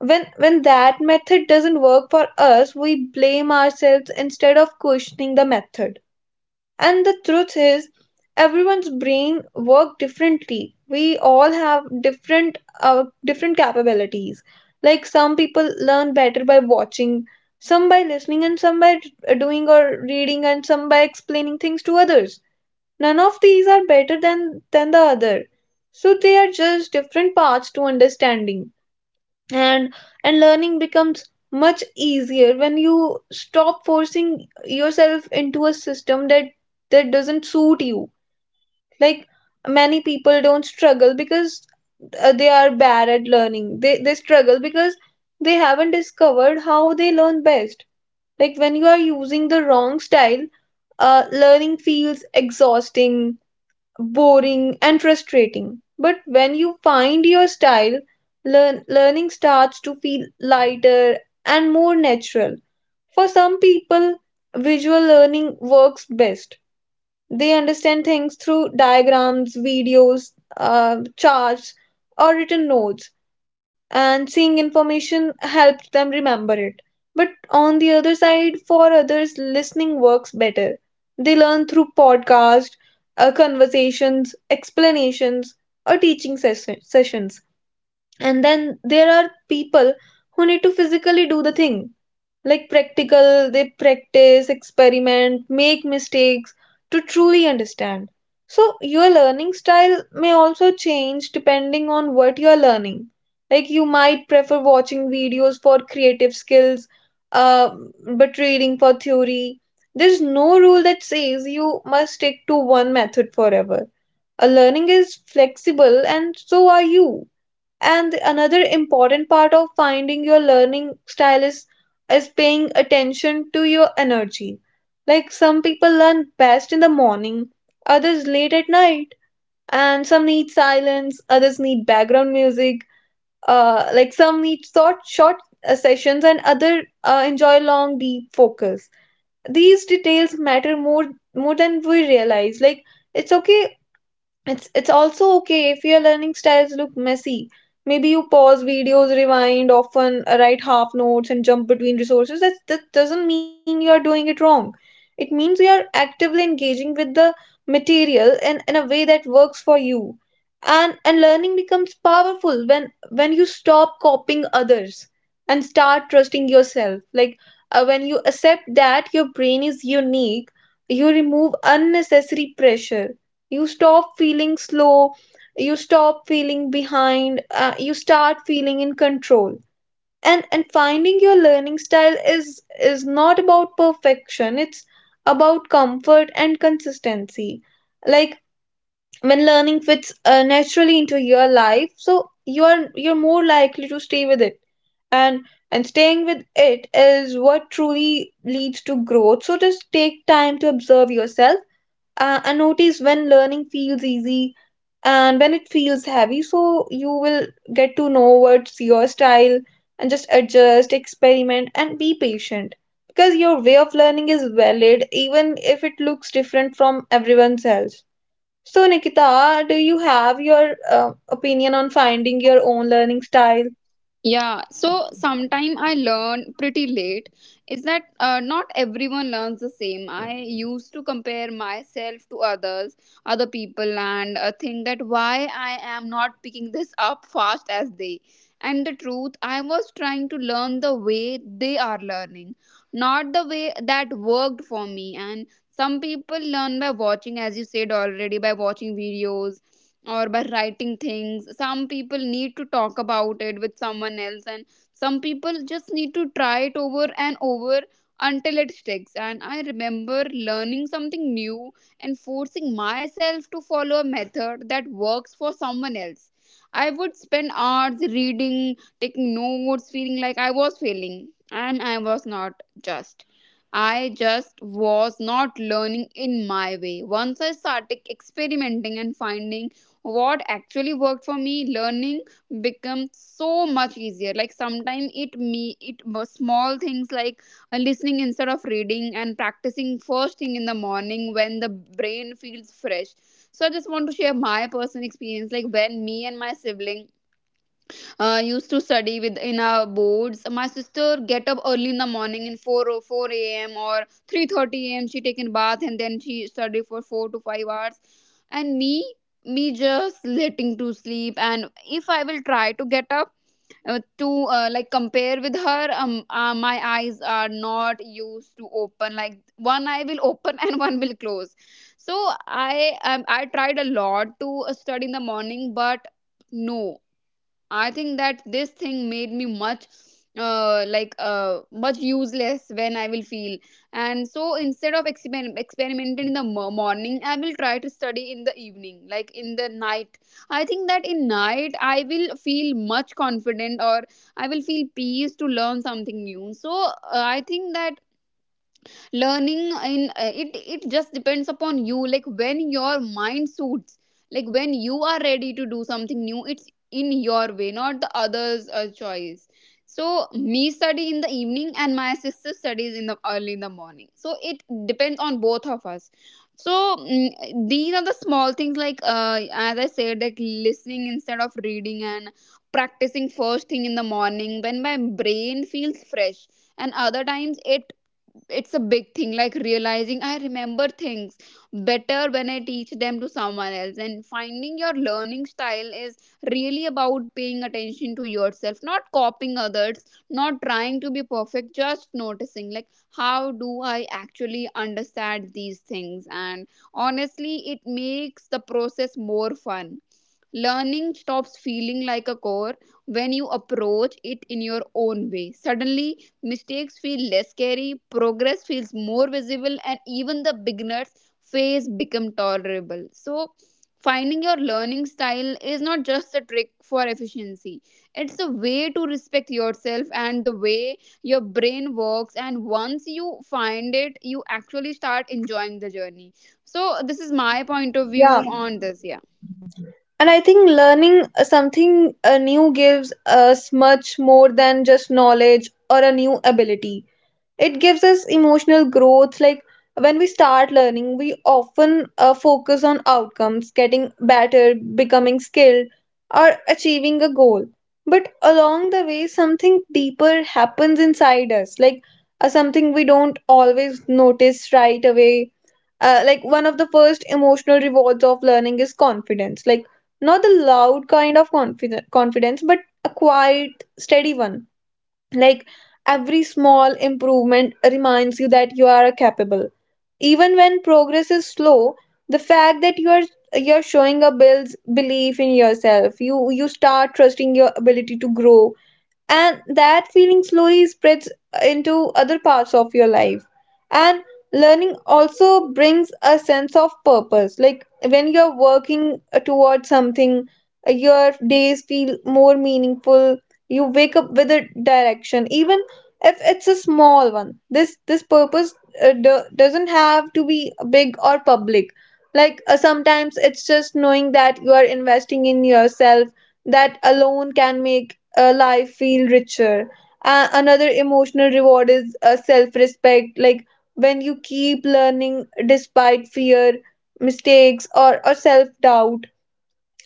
S1: When that method doesn't work for us, we blame ourselves instead of questioning the method. And the truth is, everyone's brain work differently. We all have different capabilities. Like some people learn better by watching, some by listening, and some by doing or reading, and some by explaining things to others. None of these are better than the other. So they are just different paths to understanding, and learning becomes much easier when you stop forcing yourself into a system that doesn't suit you. Like many people don't struggle because they are bad at learning. They struggle because they haven't discovered how they learn best. Like when you are using the wrong style, learning feels exhausting, boring, and frustrating. But when you find your style, learning starts to feel lighter and more natural. For some people, visual learning works best. They understand things through diagrams, videos, charts, or written notes, and seeing information helps them remember it. But on the other side, for others, listening works better. They learn through podcasts, conversations, explanations, or sessions. And then there are people who need to physically do the thing, like practical. They practice, experiment, make mistakes to truly understand. So your learning style may also change depending on what you are learning. Like, you might prefer watching videos for creative skills, uh, but reading for theory. There's no rule that says you must stick to one method forever. A learning is flexible, and so are you. And another important part of finding your learning style is paying attention to your energy. Like some people learn best in the morning, others late at night, and some need silence, others need background music. Like some need short sessions and other enjoy long deep focus. These details matter more than we realize. Like, it's okay. It's also okay if your learning styles look messy. Maybe you pause videos, rewind often, write half notes, and jump between resources. That doesn't mean you are doing it wrong. It means you are actively engaging with the material in a way that works for you. And learning becomes powerful when you stop copying others and start trusting yourself. Like, when you accept that your brain is unique, you remove unnecessary pressure. You stop feeling slow, you stop feeling behind. You start feeling in control. And finding your learning style is not about perfection. It's about comfort and consistency. Like when learning fits naturally into your life, so you're more likely to stay with it, and staying with it is what truly leads to growth. So just take time to observe yourself, and notice when learning feels easy and when it feels heavy, so you will get to know what's your style. And just adjust, experiment, and be patient, because your way of learning is valid even if it looks different from everyone else. So Nikita, do you have your opinion on finding your own learning style?
S2: Yeah, so sometime I learn pretty late, is that not everyone learns the same. I used to compare myself to others, other people, and think that why I am not picking this up fast as they. And the truth, I was trying to learn the way they are learning, not the way that worked for me. And some people learn by watching, as you said already, by watching videos or by writing things. Some people need to talk about it with someone else, and some people just need to try it over and over until it sticks. And I remember learning something new and forcing myself to follow a method that works for someone else. I would spend hours reading, taking notes, feeling like I was failing, and I just was not learning in my way. Once I started experimenting and finding what actually worked for me, learning become so much easier. Like sometimes it me it was small things, like listening instead of reading and practicing first thing in the morning when the brain feels fresh. So I just want to share my personal experience. Like when me and my sibling used to study with in our boards. My sister get up early in the morning in 4 or 4 a.m. or 3:30 a.m. She taken bath and then she study for 4 to 5 hours. And me, just letting to sleep. And if I will try to get up to like compare with her, my eyes are not used to open. Like one eye will open and one will close. So I tried a lot to study in the morning, but no, I think that this thing made me much much useless when I will feel. And so instead of experimenting in the morning, I will try to study in the evening, like in the night. I think that in night I will feel much confident, or I will feel peace to learn something new. So I think that learning in it, it just depends upon you. Like when your mind suits, like when you are ready to do something new, it's in your way, not the others choice. So me study in the evening and my sister studies in the early in the morning, so it depends on both of us. So these are the small things, like as I said, like listening instead of reading and practicing first thing in the morning when my brain feels fresh. And other times it, it's a big thing, like realizing I remember things better when I teach them to someone else. And finding your learning style is really about paying attention to yourself, not copying others, not trying to be perfect, just noticing, like how do I actually understand these things? And honestly, it makes the process more fun. Learning stops feeling like a chore when you approach it in your own way. Suddenly, mistakes feel less scary, progress feels more visible, and even the beginner's phase become tolerable. So, finding your learning style is not just a trick for efficiency. It's a way to respect yourself and the way your brain works. And once you find it, you actually start enjoying the journey. So, this is my point of
S1: Yeah,
S2: view on this. Yeah.
S1: and I think learning something new gives us much more than just knowledge or a new ability. It gives us emotional growth. Like when we start learning, we often focus on outcomes, getting better, becoming skilled, or achieving a goal. But along the way, something deeper happens inside us, like something we don't always notice right away. Like, one of the first emotional rewards of learning is confidence. Like, not the loud kind of confidence, but a quiet steady one. Like every small improvement reminds you that you are capable. Even when progress is slow, the fact that you are you're showing up builds belief in yourself. You start trusting your ability to grow, and that feeling slowly spreads into other parts of your life. And learning also brings a sense of purpose. Like when you're working towards something, your days feel more meaningful. You wake up with a direction, even if it's a small one. This purpose doesn't have to be big or public. Like, sometimes it's just knowing that you are investing in yourself. That alone can make life feel richer. Another emotional reward is self respect. Like when you keep learning despite fear, mistakes, or self doubt,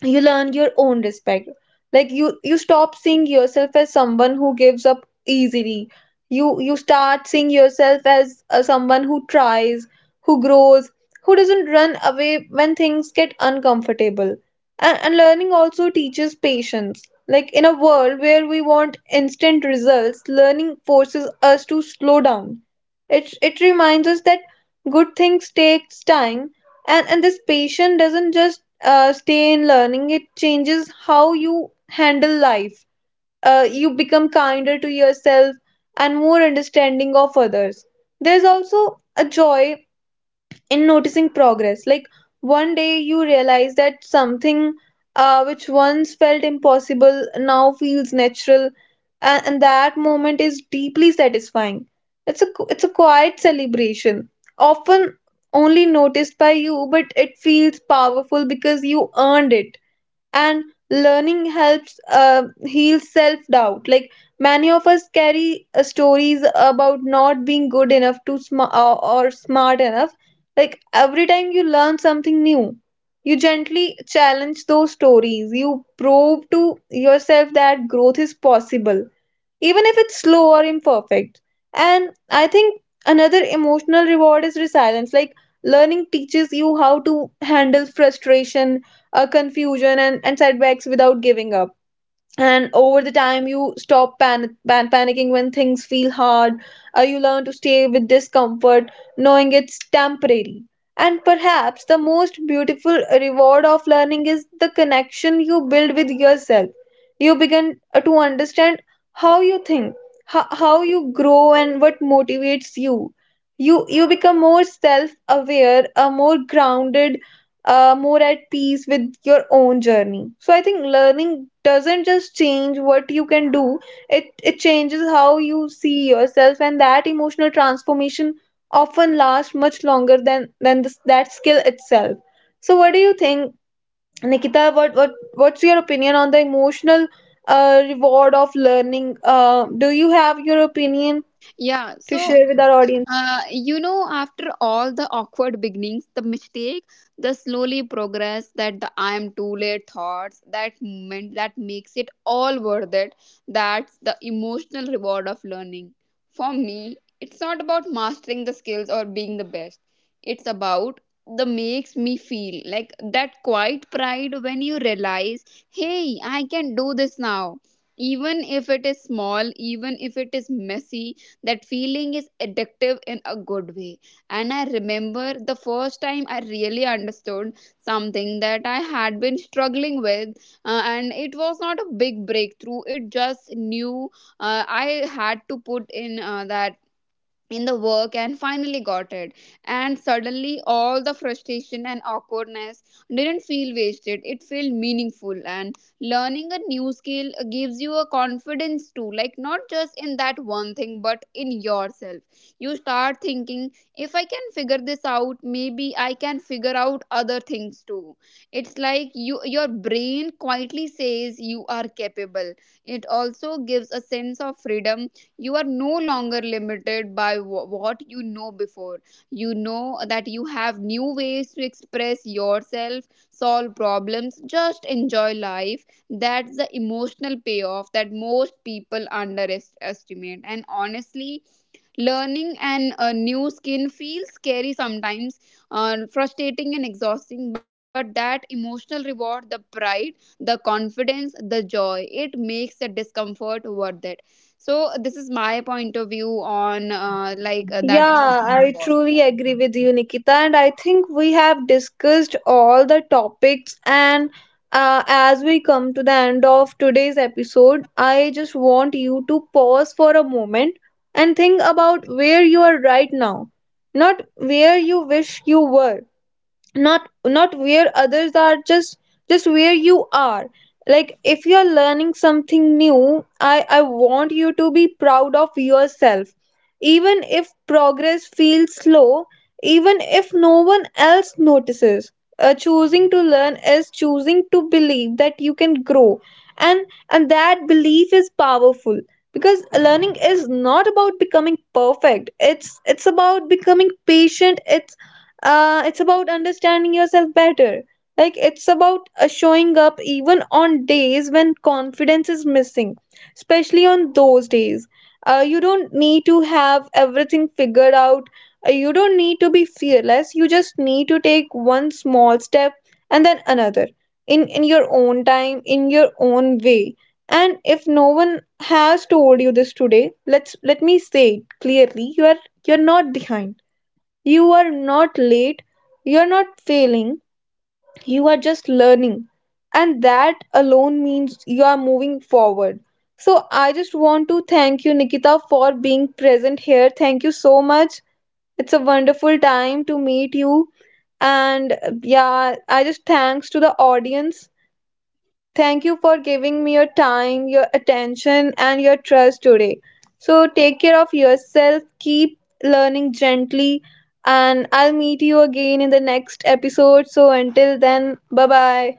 S1: you learn your own respect. Like you stop seeing yourself as someone who gives up easily. You start seeing yourself as someone who tries, who grows, who doesn't run away when things get uncomfortable. And learning also teaches patience. Like in a world where we want instant results, learning forces us to slow down. It reminds us that good things takes time, and this patience doesn't just stay in learning, it changes how you handle life. You become kinder to yourself and more understanding of others. There's also a joy in noticing progress. Like one day you realize that something, which once felt impossible, now feels natural, and that moment is deeply satisfying. It's a quiet celebration, often only noticed by you, but it feels powerful because you earned it. And learning helps heal self doubt. Like many of us carry stories about not being good enough or smart enough. Like every time you learn something new, you gently challenge those stories. You prove to yourself that growth is possible, even if it's slow or imperfect. And I think another emotional reward is resilience. Like learning teaches you how to handle frustration, confusion, and setbacks without giving up. And over the time, you stop panicking when things feel hard. You learn to stay with discomfort, knowing it's temporary. And perhaps the most beautiful reward of learning is the connection you build with yourself. You begin to understand how you think, how you grow, and what motivates you. You become more self aware, a more grounded, more at peace with your own journey. So I think learning doesn't just change what you can do; it changes how you see yourself, and that emotional transformation often lasts much longer than that skill itself. So what do you think, Nikita? What's your opinion on the emotional reward of learning? Do you have your opinion
S2: Yeah,
S1: to
S2: so
S1: share with our audience?
S2: you know, after all the awkward beginnings, the mistake, the slowly progress, that the I am too late thoughts, that moment that makes it all worth it, that's the emotional reward of learning. For me, it's not about mastering the skills or being the best, it's about the makes me feel like that quiet pride when you realize, hey, I can do this now, even if it is small, even if it is messy. That feeling is addictive in a good way. And I remember the first time I really understood something that I had been struggling with, and it was not a big breakthrough, it just knew, I had to put in that in the work and finally got it. And suddenly all the frustration and awkwardness didn't feel wasted, it felt meaningful. And learning a new skill gives you a confidence too, like not just in that one thing but in yourself. You start thinking, if I can figure this out, maybe I can figure out other things too. It's like you, your brain quietly says you are capable. It also gives a sense of freedom. You are no longer limited by what you know before. You know that you have new ways to express yourself, solve problems, just enjoy life. That's the emotional payoff that most people underestimate. And honestly, learning and a new skin feels scary sometimes, frustrating and exhausting, but that emotional reward, the pride, the confidence, the joy, it makes the discomfort worth it. So this is my point of view on that
S1: Yeah,
S2: emotional
S1: I truly
S2: reward.
S1: agree with you, Nikita. And I think we have discussed all the topics. And as we come to the end of today's episode, I just want you to pause for a moment and think about where you are right now, not where you wish you were, not where others are, just where you are. Like if you are learning something new, I want you to be proud of yourself, even if progress feels slow, even if no one else notices. Uh, choosing to learn is choosing to believe that you can grow. And and that belief is powerful, because learning is not about becoming perfect. It's about becoming patient. It's it's about understanding yourself better. Like it's about showing up even on days when confidence is missing, especially on those days. You don't need to have everything figured out. You don't need to be fearless. You just need to take one small step, and then another, in your own time, in your own way. And if no one has told you this today, let me say it clearly, you are, you're not behind, you are not late, you are not failing, you are just learning. And that alone means you are moving forward. So I just want to thank you, Nikita, for being present here. Thank you so much. It's a wonderful time to meet you.
S2: Yeah, and
S1: And
S2: thanks
S1: yeah,
S2: thanks to
S1: I
S2: you
S1: just
S2: that
S1: thanks to the audience.
S2: yeah, and
S1: Thank you
S2: thanks.
S1: for giving me your time, your attention, and your trust today. So take care of yourself, keep learning gently, and I'll meet you again in the next episode. So until then, bye bye.